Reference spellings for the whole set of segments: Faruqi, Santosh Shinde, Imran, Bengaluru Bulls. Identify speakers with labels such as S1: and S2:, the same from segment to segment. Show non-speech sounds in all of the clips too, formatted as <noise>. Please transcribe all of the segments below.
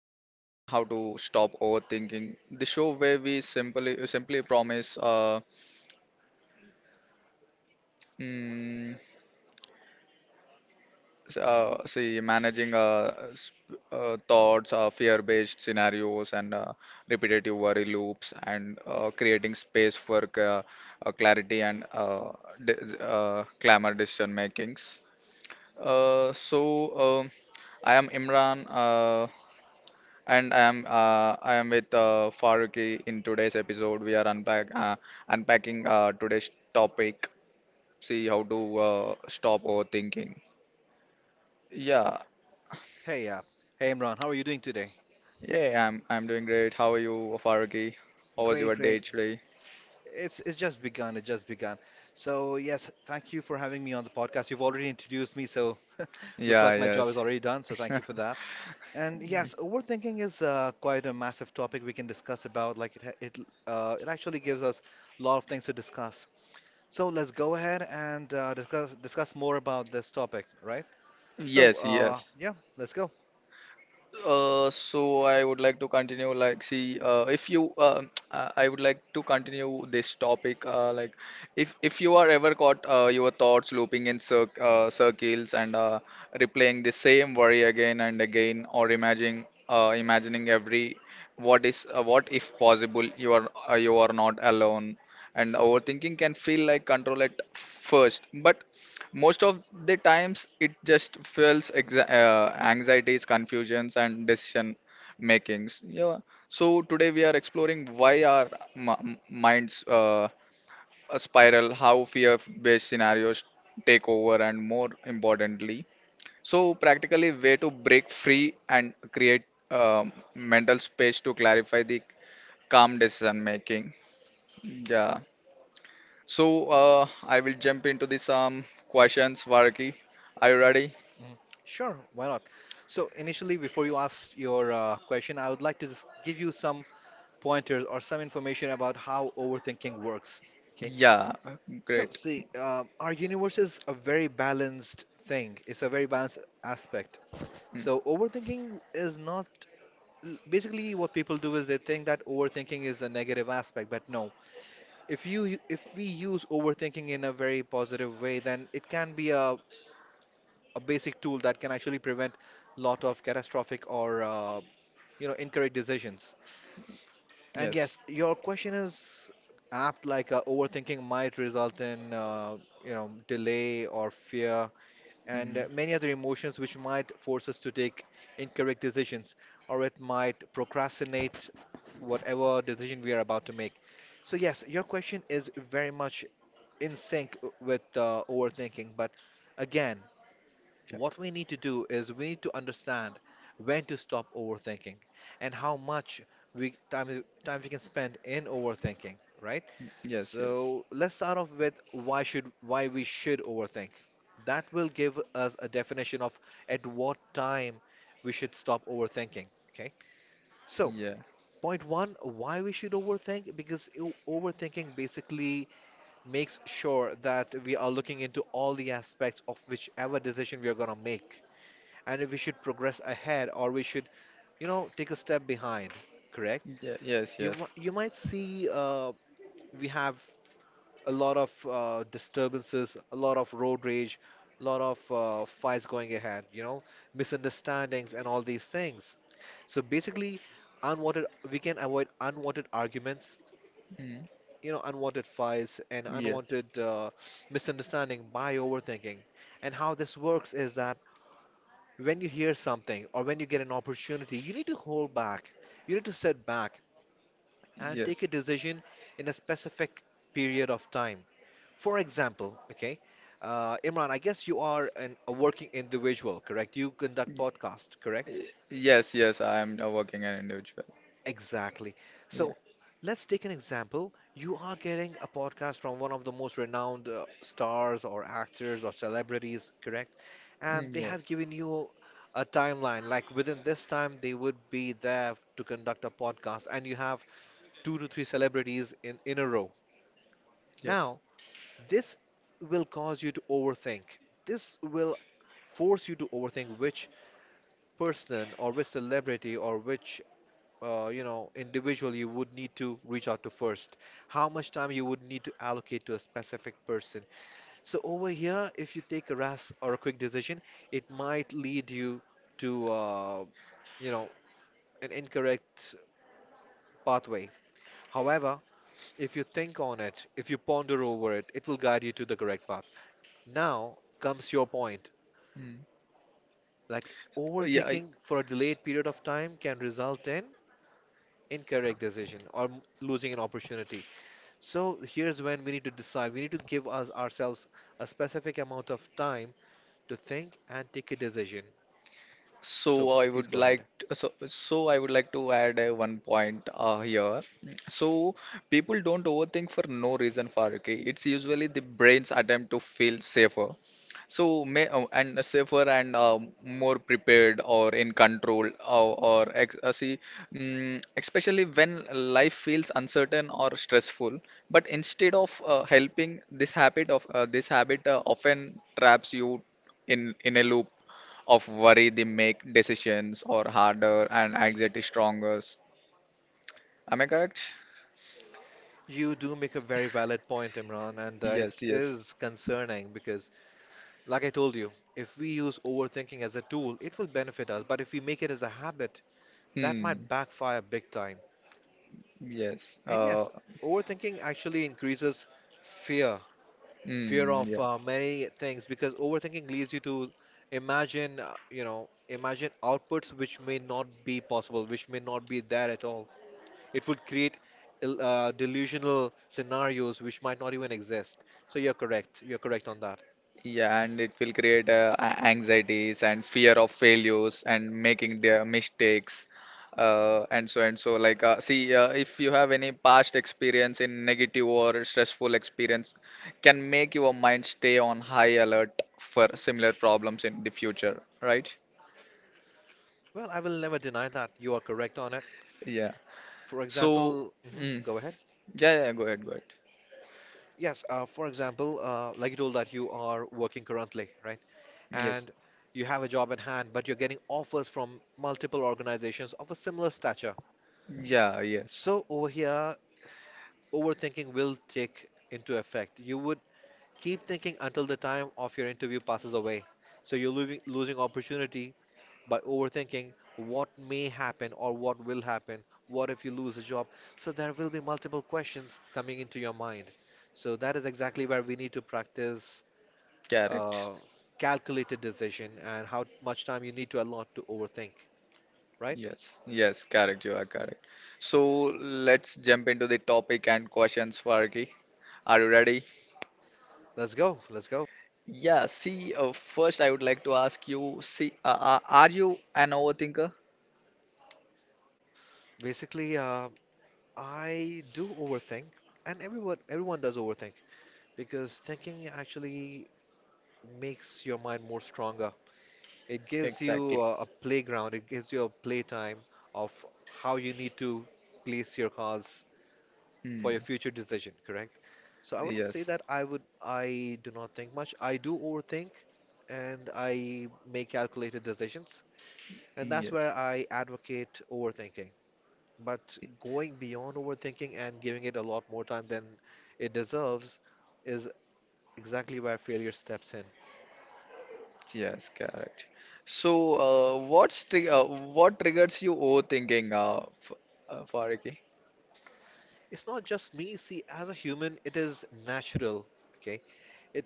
S1: How to Stop Overthinking, the show where we simply promise, mm, see, managing thoughts, fear-based scenarios, and repetitive worry loops, and creating space for clarity and clamor decision makings. So um, I am Imran. And I am I am with Faruqi in today's episode. We are unpacking today's topic. See how to stop overthinking. Yeah,
S2: Hey, hey Imran, how are you doing today?
S1: yeah, I'm doing great. How are you, Faruqi? How was your
S2: Great,
S1: day
S2: great.
S1: today?
S2: It's just begun. It just begun. So yes, thank you for having me on the podcast. You've already introduced me, so <laughs>
S1: Yeah,
S2: looks like my
S1: yes,
S2: job is already done. So thank you for that. And yes, overthinking is quite a massive topic we can discuss about. Like it it actually gives us a lot of things to discuss. So let's go ahead and discuss more about this topic, right?
S1: <laughs> yes,
S2: So
S1: yes.
S2: yeah, let's go.
S1: So I would like to continue, like, see, if you, <tsk> I would like to continue this topic, like, if you are ever caught, your thoughts looping in circles and, replaying the same worry again and again, or imagining every what if possible, you are not alone. And overthinking can feel like control at first, but most of the times it just fuels anxieties, confusions, and decision makings. Yeah. So today we are exploring why our m- minds spiral, how fear based scenarios take over, and more importantly, so practically way to break free and create mental space to clarify the calm decision making. Yeah. So I will jump into this questions, Varki. Are you ready?
S2: Mhm. Sure, why not? So initially, before you ask your question, I would like to just give you some pointers or some information about how overthinking works. Okay.
S1: Yeah, great.
S2: So see, our universe is a very balanced thing. It's a very balanced aspect.
S1: Mm.
S2: So overthinking is not basically, what people do is they think that overthinking is a negative aspect, but no. If we use overthinking in a very positive way, then it can be a basic tool that can actually prevent lot of catastrophic or you know, incorrect decisions.
S1: Yes.
S2: And yes, your question is apt. Like overthinking might result in you know, delay or fear
S1: Mm,
S2: and many other emotions which might force us to take incorrect decisions, or it might procrastinate whatever decision we are about to make. So yes, your question is very much in sync with overthinking, but again.
S1: yeah.
S2: What we need to do is we need to understand when to stop overthinking and how much we time we can spend in overthinking, right?
S1: Yes, yes.
S2: So let's start off with why we should overthink. That will give us a definition of at what time we should stop overthinking, okay? So
S1: Yeah.
S2: point one, why we should overthink? Because overthinking basically makes sure that we are looking into all the aspects of whichever decision we are gonna make and if we should progress ahead or we should, you know, take a step behind, correct?
S1: Yeah, yes, yes.
S2: You might see we have a lot of disturbances, a lot of road rage, a lot of fights going ahead, you know, misunderstandings and all these things. So basically, unwanted we can avoid unwanted arguments,
S1: Mm,
S2: you know, unwanted fights and
S1: yes.
S2: unwanted misunderstanding by overthinking. And how this works is that when you hear something or when you get an opportunity, you need to hold back. You need to sit back and
S1: Yes.
S2: take a decision in a specific period of time. For example, okay, Imran, I guess you are a working individual, correct? You
S1: Y-
S2: conduct podcasts, correct?
S1: Yes, yes, I am now working an individual.
S2: Exactly.
S1: Yeah.
S2: So let's take an example. You are getting a podcast from one of the most renowned stars or actors or celebrities, correct?
S1: Mm,
S2: And they
S1: yes.
S2: have given you a timeline, like within this time, they would be there to conduct a podcast, and you have two to three celebrities in a row.
S1: Yes.
S2: Now, this will cause you to overthink. This will force you to overthink which person or which celebrity or which you know, individual you would need to reach out to first, how much time you would need to allocate to a specific person. So over here, if you take a rash or a quick decision, it might lead you to, you know, an incorrect pathway. However, if you think on it, if you ponder over it, it will guide you to the correct path. Now comes your point.
S1: Mm.
S2: Like
S1: Yeah, I,
S2: overthinking for a
S1: s-
S2: delayed period of time can result in incorrect decision or losing an opportunity. So here's when we need to decide. We need to give us ourselves a specific amount of time to think and take a decision. S-
S1: So
S2: So
S1: I would
S2: please go
S1: like
S2: ahead.
S1: to, so I would like to add one point here. So people don't overthink for no reason, Faruqi. It's usually the brain's attempt to feel safer. So may, and safer, and more prepared, or in control, or ex see, especially when life feels uncertain or stressful. But instead of helping, this habit often traps you in a loop of worry, they make decisions or harder and anxiety stronger. Am I correct?
S2: You do make a very valid point, Imran, and
S1: Yes,
S2: it
S1: yes.
S2: is concerning because, like I told you, if we use overthinking as a tool, it will benefit us, but if we make it as a habit, that
S1: Hmm.
S2: might backfire big time.
S1: Yes.
S2: And yes, overthinking actually increases fear
S1: Hmm,
S2: fear
S1: yeah.
S2: of many things, because overthinking leads you to imagine you know imagine outputs which may not be possible, which may not be there at all. It would create delusional scenarios which might not even exist, so you're correct on that.
S1: Yeah, and it will create anxieties and fear of failures and making their mistakes. And so, like, see, if you have any past experience in negative or stressful experience, can make your mind stay on high alert for similar problems in the future, right?
S2: Well, I will never deny that you are correct on it.
S1: Yeah.
S2: For
S1: So,
S2: example,
S1: mm,
S2: mhm, go ahead.
S1: yeah, yeah, go ahead, go ahead.
S2: Yes, for example, like you told that you are working currently, right?
S1: Yes,
S2: And you have a job at hand, but you're getting offers from multiple organizations of a similar stature.
S1: yeah, yes,
S2: So over here, f- overthinking will take into effect. You would keep thinking until the time of your interview passes away. So you're losing opportunity by overthinking what may happen or what will happen. What if you lose a job? So there will be multiple questions coming into your mind. So that is exactly where we need to practice
S1: correct.
S2: uh, calculated decision and how much time you need to allot to overthink. Right?
S1: Yes, yes, correct, you are correct. So, let's jump into the topic and questions, Farki. Are you ready?
S2: Let's go. Let's go.
S1: Yeah, see, first I would like to ask you. See, are you an overthinker?
S2: Basically, I do overthink, and everyone does overthink because thinking actually makes your mind more stronger. It gives
S1: Exactly.
S2: you a playground, it gives you a playtime of how you need to place your cars
S1: Hmm.
S2: for your future decision, correct? So I wouldn't
S1: Yes,
S2: say that I do not think much. I do overthink and I make calculated decisions, and that's
S1: yes,
S2: where I advocate overthinking. But going beyond overthinking and giving it a lot more time than it deserves is exactly where failure steps in.
S1: yes, correct. So, uh, what's tri uh, what triggers you overthinking, f Farki?
S2: It's not just me. See, as a human, it is natural, okay?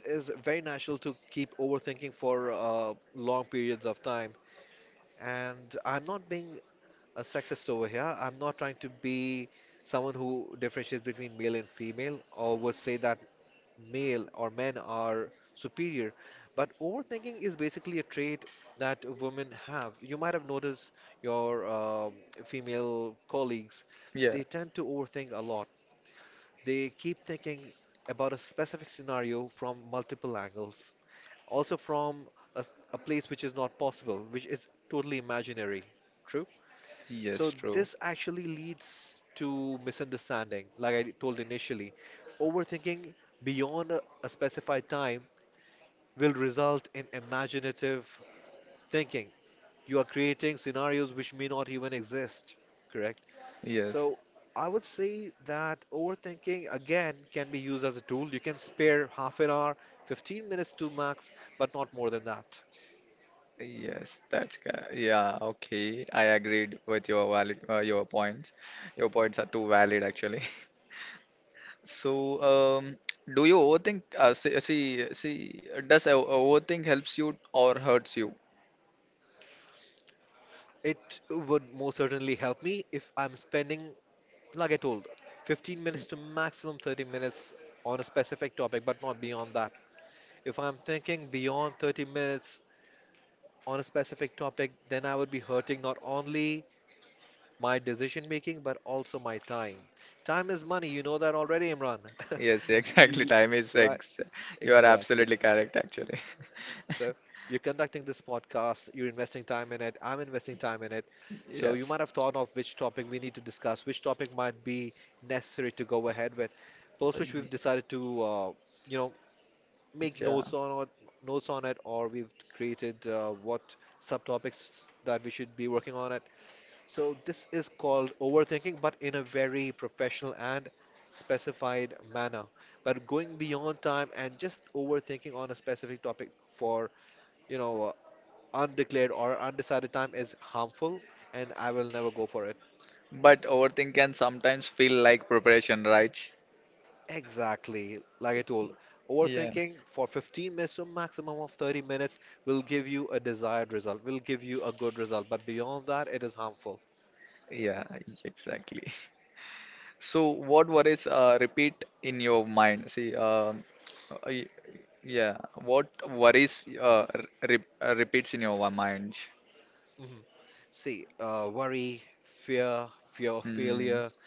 S2: It is very natural to keep overthinking for long periods of time. And I'm not being a sexist over here. I'm not trying to be someone who differentiates between male and female or would say that male or men are superior. But overthinking is basically a trait that women have. You might have noticed your female colleagues,
S1: Yeah,
S2: they tend to overthink a lot. They keep thinking about a specific scenario from multiple angles, also from a place which is not possible, which is totally imaginary.
S1: yes,
S2: So
S1: true.
S2: this actually leads to misunderstanding, like I told initially. Overthinking beyond a specified time will result in imaginative thinking. You are creating scenarios which may not even exist, correct?
S1: Yes,
S2: So I would say that overthinking again can be used as a tool. You can spare half an hour, 15 minutes to max, but not more than that.
S1: yes, yeah, okay. I agreed with your points. Your points are too valid actually. <laughs> So, do you overthink? See, does overthink helps you or hurts you?
S2: It would most certainly help me if I'm spending, like I told, 15 minutes to maximum 30 minutes on a specific topic, but not beyond that. If I'm thinking beyond 30 minutes on a specific topic, then I would be hurting not only my decision making, but also my time. Time is money, you know that already, Imran.
S1: Yes, <laughs>
S2: <laughs>
S1: exactly.
S2: You, you-
S1: Time is
S2: right,
S1: sex. You are absolutely
S2: exactly.
S1: correct actually. <laughs>
S2: So you're conducting this podcast, you're investing time in it, I'm investing time in it. So
S1: Yes.
S2: you might have thought of which topic we need to discuss, which topic might be necessary to go ahead with. Post which
S1: Ye-
S2: we've decided to, you know, make
S1: Yeah.
S2: notes on it, or we've created what subtopics that we should be working on it. So this is called overthinking, but in a very professional and specified manner. But going beyond time and just overthinking on a specific topic for, you know, undeclared or undecided time is harmful, and I will never go for it.
S1: But overthink can sometimes feel like preparation, right?
S2: Exactly. Like I told,
S1: Yeah.
S2: overthinking for 15 minutes to a maximum of 30 minutes will give you a desired result, will give you a good result, but beyond that, it is harmful.
S1: Yeah, exactly. <laughs> So, what worries repeat in your mind? See, uh, y- yeah, what worries re repeats in your mind?
S2: Mhm. See, worry, fear, fear of
S1: Mm.
S2: failure,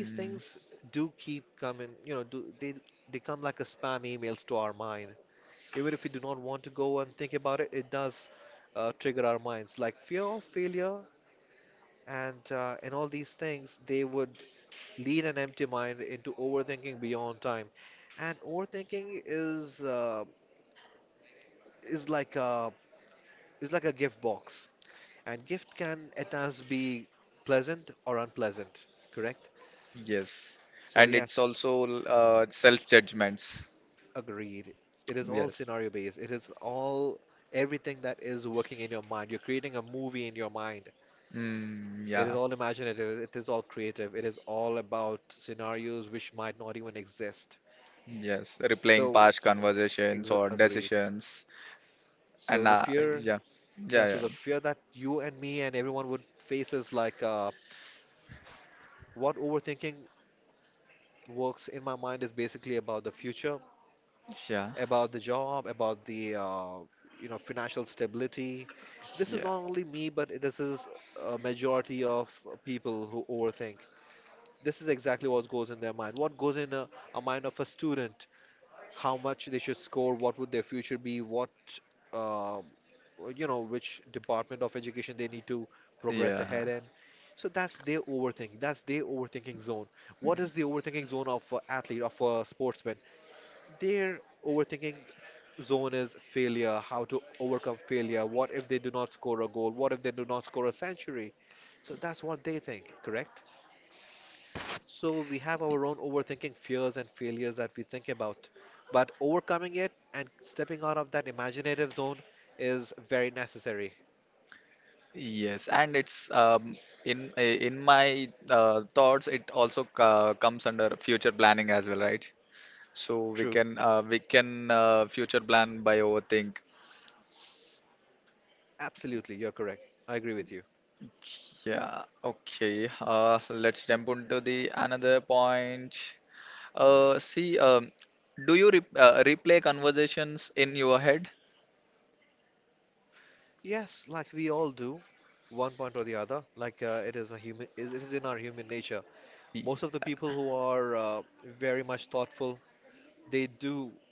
S2: these things do keep coming, you know, they come like a spam emails to our mind. Even if we do not want to go and think about it, it does trigger our minds. Like fear of failure and all these things, they would lead an empty mind into overthinking beyond time. And overthinking is is like a is like a gift box, and gift can at times be pleasant or unpleasant, correct?
S1: Yes, and
S2: So
S1: it's
S2: yes,
S1: also self-judgments.
S2: agreed. It is all
S1: Yes.
S2: scenario based, it is all everything that is working in your mind. You're creating a movie in your mind.
S1: Mm, yeah.
S2: It is all imaginative, it is all creative, it is all about scenarios which might not even exist.
S1: Yes. Replaying past
S2: So,
S1: conversations
S2: ex
S1: or
S2: agreed.
S1: decisions, and
S2: So the
S1: yeah,
S2: fear,
S1: yeah,
S2: yeah,
S1: yeah,
S2: so the fear that you and me and everyone would face is like what overthinking works in my mind is basically about the future,
S1: yeah,
S2: about the job, about the you know, financial stability. This
S1: yeah,
S2: is not only me, but this is a majority of people who overthink. This is exactly what goes in their mind. What goes in a, mind of a student, how much they should score, what would their future be, what um, you know, which department of education they need to progress
S1: yeah.
S2: ahead in. So that's their overthinking. That's their overthinking zone. What is the overthinking zone of an athlete, of a sportsman? Their overthinking zone is failure, how to overcome failure. What if they do not score a goal? What if they do not score a century? So that's what they think, correct? So we have our own overthinking fears and failures that we think about. But overcoming it and stepping out of that imaginative zone is very necessary.
S1: Yes, and it's in my thoughts, it also comes under future planning as well, right? So we
S2: True.
S1: can, future plan by overthink.
S2: Absolutely. You're correct. I agree with you.
S1: Yeah, okay. Let's jump into the another point. See, do you re replay conversations in your head?
S2: Yes, like we all do, one point or the other. Like it is a human, it is in our human nature.
S1: Y-
S2: Most of the people who are very much thoughtful, they do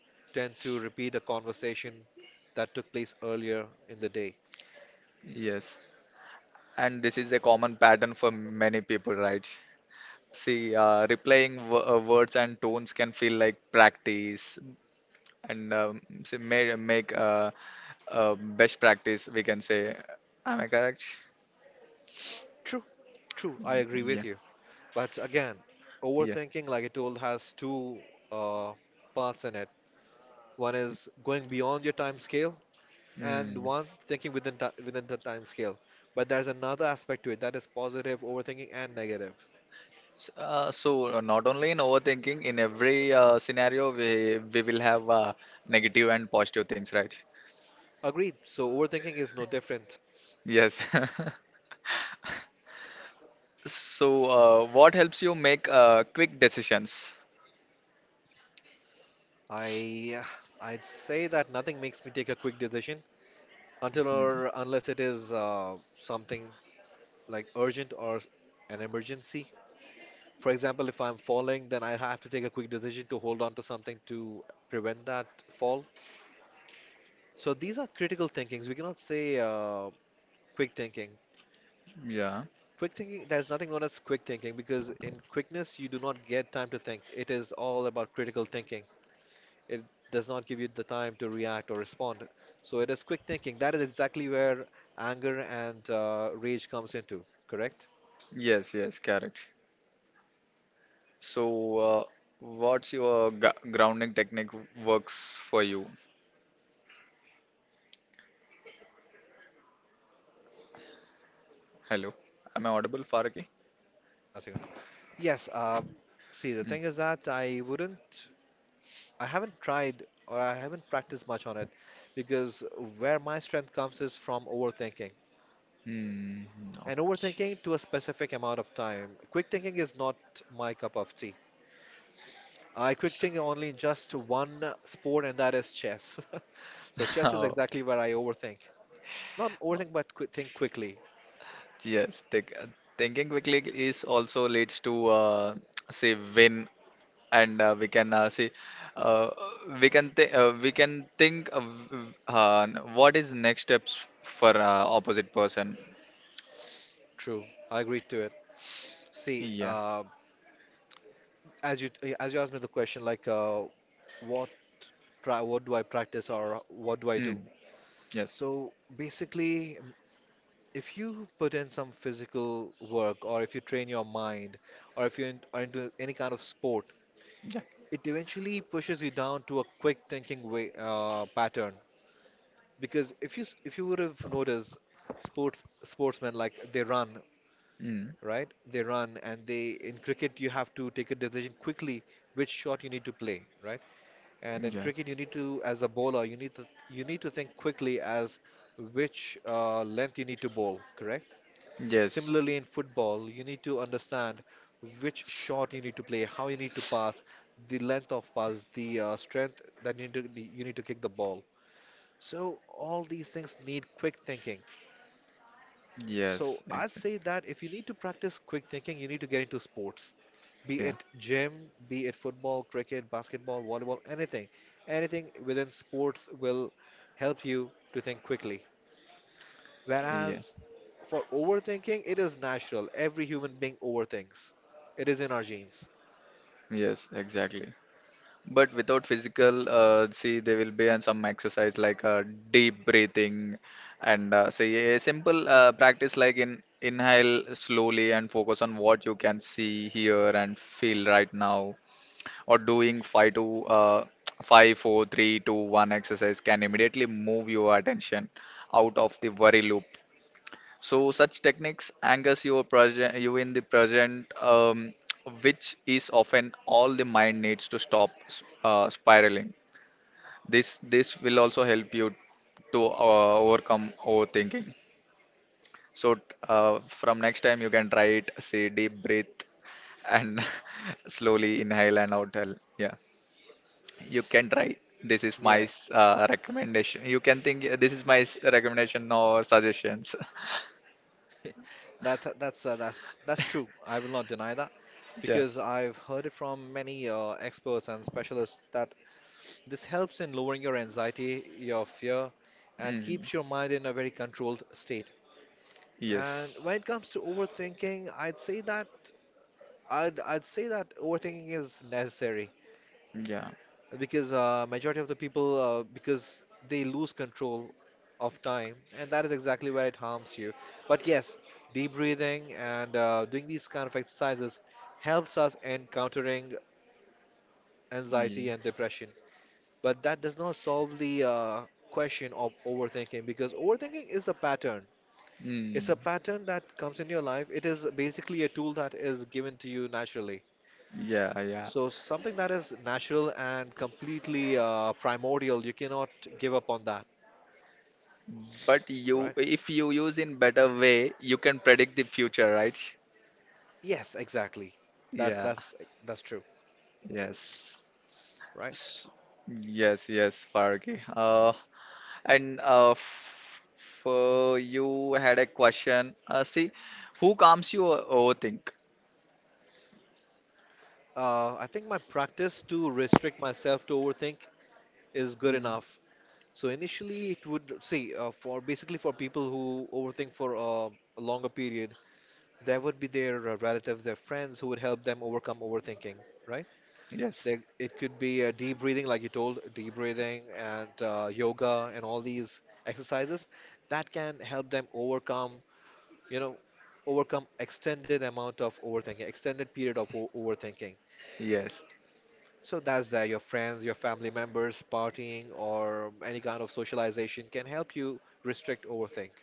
S2: tend to repeat a conversation that took place earlier in the day.
S1: Yes, and this is a common pattern for many people, right? See, replaying w words and tones can feel like practice, and see, may make, best practice, we can say. Am I correct?
S2: True, true. I agree
S1: Yeah,
S2: with you. But again,
S1: yeah.
S2: overthinking, like I told, has two uh, parts in it. One is going beyond your time scale, and
S1: Mm.
S2: one thinking within ti within the time scale. But there's another aspect to it that is positive overthinking and negative.
S1: So, not only in overthinking, in every scenario, we will have negative and positive things, right?
S2: Agreed. So overthinking is no different.
S1: Yes. <laughs> So, what helps you make quick decisions?
S2: I I'd say that nothing makes me take a quick decision until
S1: Mm.
S2: or unless it is something like urgent or an emergency. For example, if I'm falling, then I have to take a quick decision to hold on to something to prevent that fall. So these are critical thinkings. We cannot say quick thinking.
S1: Yeah,
S2: Quick thinking, there's nothing known as quick thinking because in quickness, you do not get time to think. It is all about critical thinking. It does not give you the time to react or respond. So it is quick thinking. That is exactly where anger and rage comes into, correct?
S1: yes, yes, correct. So, what's your gu grounding technique works for you? Hello, am I audible, Faraki?
S2: Yeah, Sigurd. Yes, see, the
S1: Mm.
S2: thing is that I wouldn't. I haven't tried or I haven't practiced much on it because where my strength comes is from overthinking.
S1: Mm.
S2: And
S1: Okay.
S2: overthinking to a specific amount of time. Quick thinking is not my cup of tea. I quick think only in just one sport, and that is chess. <laughs> So chess is exactly
S1: <laughs>
S2: where I overthink. Not overthink, but qu think quickly.
S1: Okay. Yes, thinking quickly is also leads to, say, win, and uh, we can think of, what is next steps for opposite person.
S2: True, I agree to it. See,
S1: Yeah.
S2: as you as you asked me the question, like what what do I practice or what do I
S1: Mm,
S2: do?
S1: yes.
S2: So basically, if you put in some physical work or if you train your mind or if you in, are into any kind of sport,
S1: Yeah.
S2: it eventually pushes you down to a quick thinking way pattern because if you if you would have noticed sports sportsmen like they run,
S1: Mm,
S2: right, they run and they in cricket you have to take a decision quickly, which shot you need to play, right? And in
S1: yeah.
S2: cricket you need to as a bowler you need to think quickly as which length you need to bowl, correct?
S1: Yes.
S2: Similarly, in football, you need to understand which shot you need to play, how you need to pass, the length of pass, the strength that you need to kick the ball. So all these things need quick thinking.
S1: Yes.
S2: So I'd say
S1: Exactly.
S2: that if you need to practice quick thinking, you need to get into sports, be
S1: Yeah,
S2: it gym, be it football, cricket, basketball, volleyball, anything. Anything within sports will help you to think quickly.
S1: yeah,
S2: Whereas for overthinking, it is natural. Every human being overthinks. It is in our genes.
S1: yes, exactly. But without physical, see, there will be and some exercise like deep breathing and, say, a simple practice, like, in inhale slowly and focus on what you can see, hear, and feel right now. Or doing five to <tsk> five, four, three, two, one exercise can immediately move your attention out of the worry loop. So such techniques angers your present, you in the present, which is often all the mind needs to stop spiraling. This will also help you to overcome overthinking. So, from next time you can try it. Say deep breath and <laughs> slowly inhale and outhale. Yeah, you can try. This is my
S2: Yes.
S1: recommendation. You can think this is my recommendation or suggestions.
S2: <laughs> That's that's true. I will not deny that
S1: <laughs> Yeah.
S2: because I've heard it from many experts and specialists that this helps in lowering your anxiety, your fear, and
S1: Mm.
S2: keeps your mind in a very controlled state. And
S1: Yes.
S2: when it comes to overthinking, I'd say that I'd say that overthinking is necessary
S1: Yeah.
S2: because majority of the people because they lose control of time and that is exactly where it harms you, but yes, deep breathing and doing these kind of exercises helps us in countering anxiety
S1: ye-
S2: and depression, but that does not solve the question of overthinking because overthinking is a pattern. It's
S1: Mm.
S2: a pattern that comes in your life. It is basically a tool that is given to you naturally.
S1: Yeah, yeah.
S2: So something that is natural and completely primordial, you cannot give up on that,
S1: But you,
S2: right?
S1: if you use in better way, you can predict the future, right?
S2: Yes, exactly. That's
S1: Yeah.
S2: that's that's true,
S1: Yes.
S2: right?
S1: S- Yes, yes, Fargi. And f for you had a question. See, who calms you overthink?
S2: I think my practice to restrict myself to overthink is good
S1: Mm.
S2: enough. So initially, it would see for basically for people who overthink for a longer period, there would be their relatives, their friends who would help them overcome overthinking, right?
S1: Yes.
S2: There, it could be deep breathing, like you told, deep breathing and yoga and all these exercises that can help them overcome, you know, overcome extended amount of overthinking, extended period of overthinking.
S1: Yes.
S2: So that's there. Your friends, your family members, partying, or any kind of socialization can help you restrict overthink.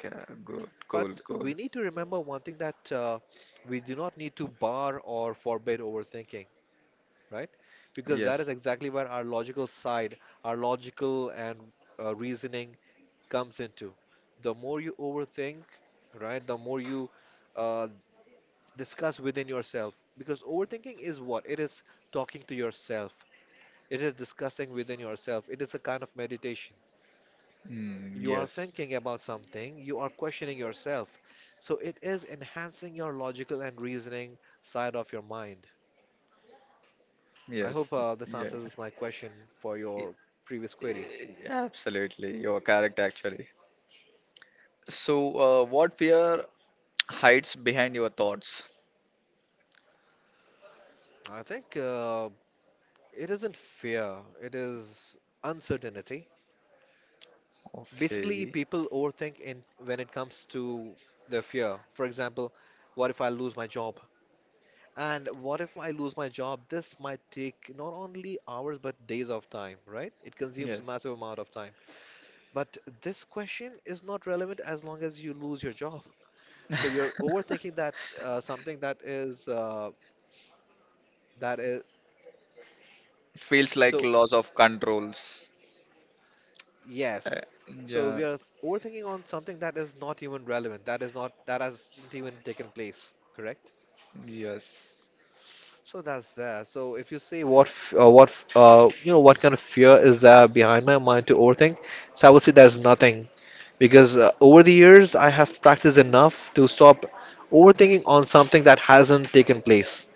S1: Good. Cool.
S2: But
S1: Cool.
S2: we need to remember one thing that we do not need to bar or forbid overthinking, right? Because that
S1: Yes.
S2: is exactly where our logical side, our logical and reasoning comes into. The more you overthink, right, the more you uh, discuss within yourself. Because overthinking is what? It is talking to yourself, it is discussing within yourself, it is a kind of meditation.
S1: Mm,
S2: You are
S1: yes.
S2: thinking about something, you are questioning yourself. So it is enhancing your logical and reasoning side of your mind. I hope
S1: Yes.
S2: this
S1: Yeah.
S2: answers my question for your previous query.
S1: Absolutely, you are correct actually. So, what fear hides behind your thoughts?
S2: I think it isn't fear, it is uncertainty. Basically,
S1: Okay,
S2: people overthink in when it comes to their fear. For example, what if I lose my job? And what if I lose my job? This might take not only hours but days of time, right? It consumes a
S1: yes.
S2: massive amount of time. But this question is not relevant as long as you lose your job. So you're overthinking that something that is
S1: Feels like
S2: so.
S1: loss of controls.
S2: Yes.
S1: Uh,
S2: So
S1: yeah,
S2: we are overthinking on something that is not even relevant, that is not that hasn't even taken place, correct?
S1: yes,
S2: So that's there. So if you say what what you know what kind of fear is there behind my mind to overthink, so I would say there's nothing because over the years I have practiced enough to stop overthinking on something that hasn't taken place.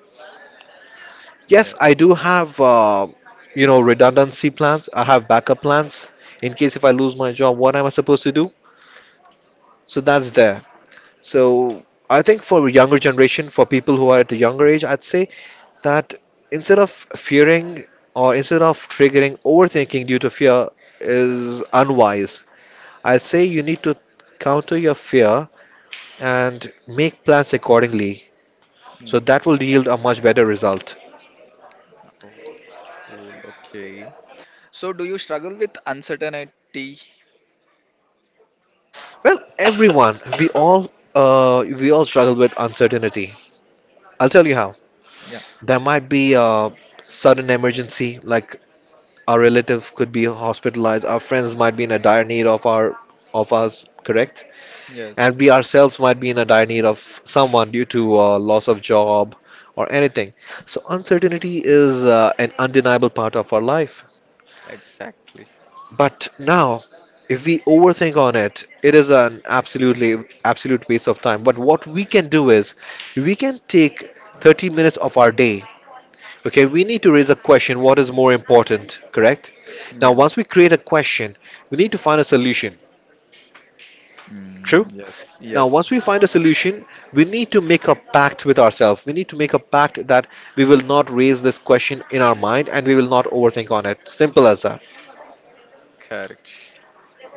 S2: Yes,
S1: yes.
S2: I do have you know redundancy plans. I have backup plans in case if I lose my job, what am I supposed to do? So that's there. So I think for younger generation, for people who are at a younger age, I'd say that instead of fearing or instead of triggering overthinking due to fear is unwise. I say you need to counter your fear and make plans accordingly.
S1: Mm.
S2: So that will yield a much better result.
S1: Oh, cool, okay. So, do you struggle with uncertainty?
S2: Well, everyone, we all struggle with uncertainty. I'll tell you how.
S1: Yeah,
S2: There might be a sudden emergency like our relative could be hospitalized, our friends might be in a dire need of our of us, correct?
S1: yes,
S2: And we ourselves might be in a dire need of someone due to loss of job or anything. So uncertainty is an undeniable part of our life.
S1: exactly.
S2: But now, if we overthink on it, it is an absolutely absolute waste of time. But what we can do is we can take 30 minutes of our day. Okay, we need to raise a question, what is more important, correct? Now,
S1: Yeah,
S2: once we create a question, we need to find a solution, true?
S1: mm, yes,
S2: Now,
S1: yes,
S2: once we find a solution, we need to make a pact with ourselves. We need to make a pact that we will not raise this question in our mind and we will not overthink on it. Simple as that.
S1: correct.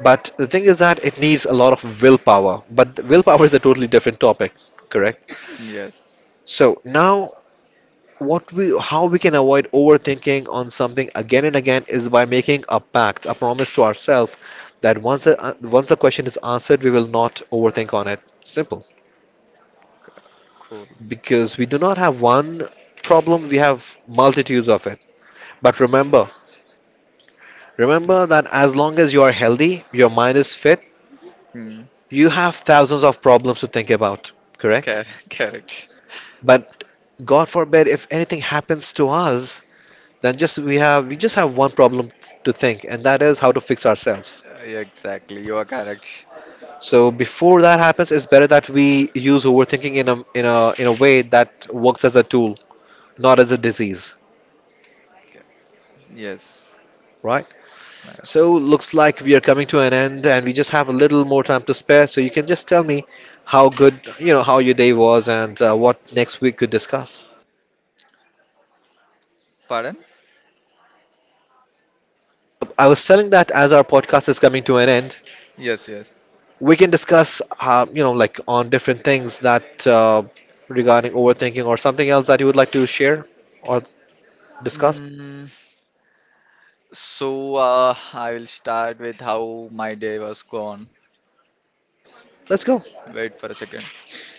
S2: But the thing is that it needs a lot of willpower, but the willpower is a totally different topic, correct?
S1: Yes,
S2: So, now what we how we can avoid overthinking on something again and again is by making a pact, a promise to ourselves that once the question is answered, we will not overthink on it. Simple.
S1: co- cool.
S2: Because we do not have one problem, we have multitudes of it. But remember,
S1: Yeah,
S2: remember that as long as you are healthy, your mind is fit,
S1: mm,
S2: you have thousands of problems to think about, correct?
S1: cor- <laughs> correct.
S2: But God forbid if anything happens to us, then just we just have one problem to think, and that is how to fix ourselves.
S1: Yeah, exactly. You are correct.
S2: So before that happens, it's better that we use overthinking in a in a in a way that works as a tool, not as a disease,
S1: Okay. Yes.
S2: right?
S1: Nice.
S2: So looks like we are coming to an end, and we just have a little more time to spare. So you can just tell me how good you know how your day was and what next we could discuss.
S1: Pardon?
S2: I was telling that as our podcast is coming to an end,
S1: Yes, yes.
S2: we can discuss you know like on different things that regarding overthinking or something else that you would like to share or discuss.
S1: Mm, so I will start with how my day was gone.
S2: Let's go.
S1: Wait for a second.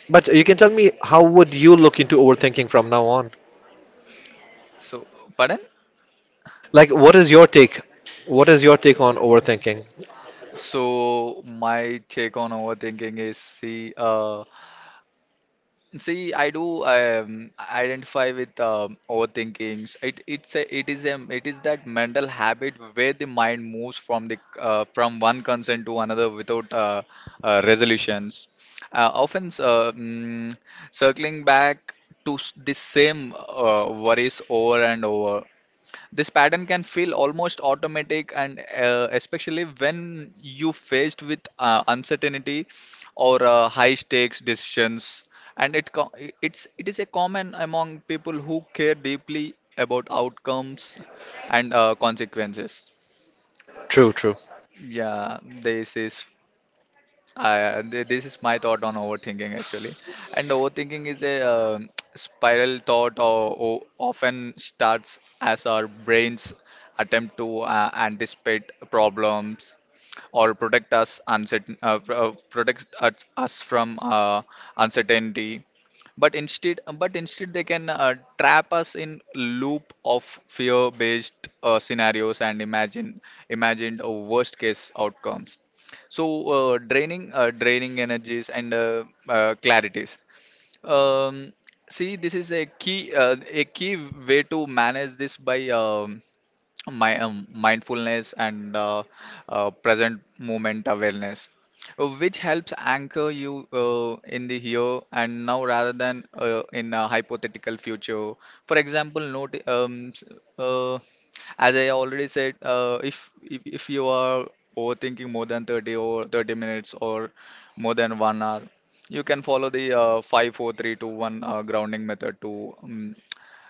S2: But you can tell me how would you look into overthinking from now on?
S1: So, pardon?
S2: Like, what is your take? What is your take on overthinking?
S1: So my take on overthinking is, see, I do identify with overthinkings. It's a, it is that mental habit where the mind moves from the, from one concern to another without, resolutions. Often, circling back to the same worries over and over. This pattern can feel almost automatic, and, especially when you faced with uncertainty or high stakes decisions. And it co- it's it is a common among people who care deeply about outcomes and consequences.
S2: True, true,
S1: Yeah, this is. This is my thought on overthinking actually. And overthinking is a <tsk> spiral thought, or often starts as our brains attempt to anticipate problems or protect us uncertain, protect us from uncertainty. But instead they can trap us in loop of fear-based scenarios and imagined worst-case outcomes. So, draining energies and clarities. Um, see, this is a key way to manage this by, my mindfulness and present moment awareness, which helps anchor you in the here and now rather than in a hypothetical future. For example, uh, as I already said, if you are overthinking more than 30 or 30 minutes or more than 1 hour, you can follow the 5, four, three, two, one grounding method to,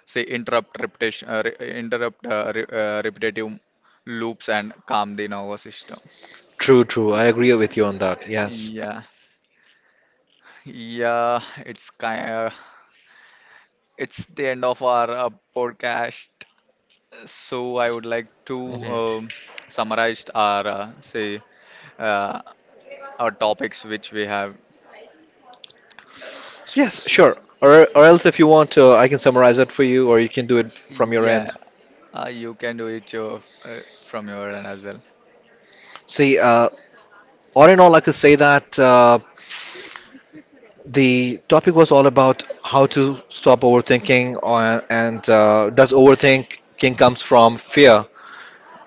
S1: say, interrupt repetition, re interrupt re repetitive loops and calm the nervous system.
S2: true, true. I agree with you on that. Yes.
S1: Yeah, yeah, it's kind of, it's the end of our podcast. So I would like to um, summarize our say. Uh, our topics which we have.
S2: So yes,
S1: S-
S2: sure. Or else, if you want, I can summarize it for you, or you can do it from your
S1: Yeah,
S2: end.
S1: you can do it your, uh, from your end as well.
S2: See, all in all, I could say that the topic was all about how to stop overthinking, or, and does overthinking comes from fear?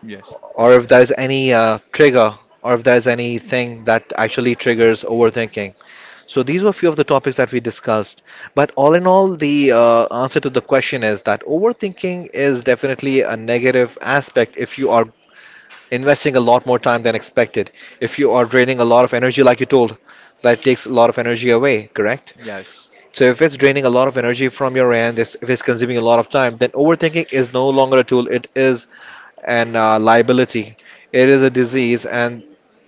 S1: Yes,
S2: Or if there's any trigger or if there's anything that actually triggers overthinking. So these were a few of the topics that we discussed. But all in all, the answer to the question is that overthinking is definitely a negative aspect if you are investing a lot more time than expected. If you are draining a lot of energy, like you told, that takes a lot of energy away, correct?
S1: yes,
S2: So if it's draining a lot of energy from your end, if it's consuming a lot of time, then overthinking is no longer a tool. It is and liability. It is a disease, and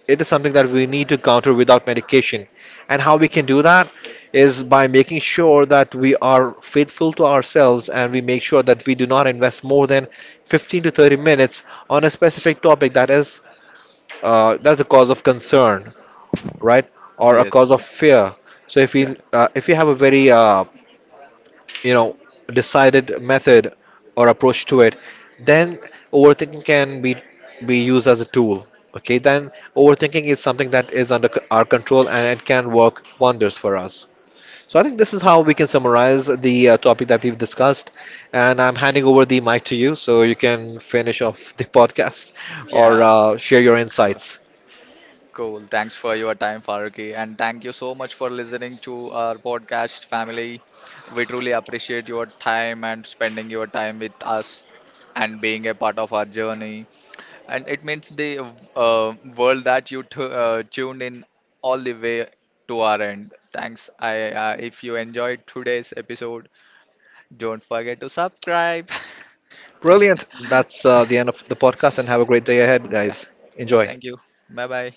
S2: it is something that we need to counter without medication. And how we can do that is by making sure that we are faithful to ourselves and we make sure that we do not invest more than 15 to 30 minutes on a specific topic that is that's a cause of concern, right, or a
S1: yes,
S2: cause of
S1: yes.
S2: fear. So
S1: Got it.
S2: if we have a very you know decided method or approach to it, then overthinking can be used as a tool. Okay, then overthinking is something that is under our control and it can work wonders for us. So I think this is how we can summarize the topic that we've discussed, and I'm handing over the mic to you so you can finish off the podcast or
S1: Yeah,
S2: share your
S1: cool.
S2: insights.
S1: Cool. Thanks for your time, Faruqi, and thank you so much for listening to our podcast family. We truly appreciate your time and spending your time with us and being a part of our journey. And it means the world that you t tuned in all the way to our end. Thanks. I If you enjoyed today's episode, don't forget to subscribe. <laughs>
S2: Brilliant, that's the end of the podcast and have a great day ahead,
S1: Yeah,
S2: guys. Enjoy.
S1: thank you. Bye bye.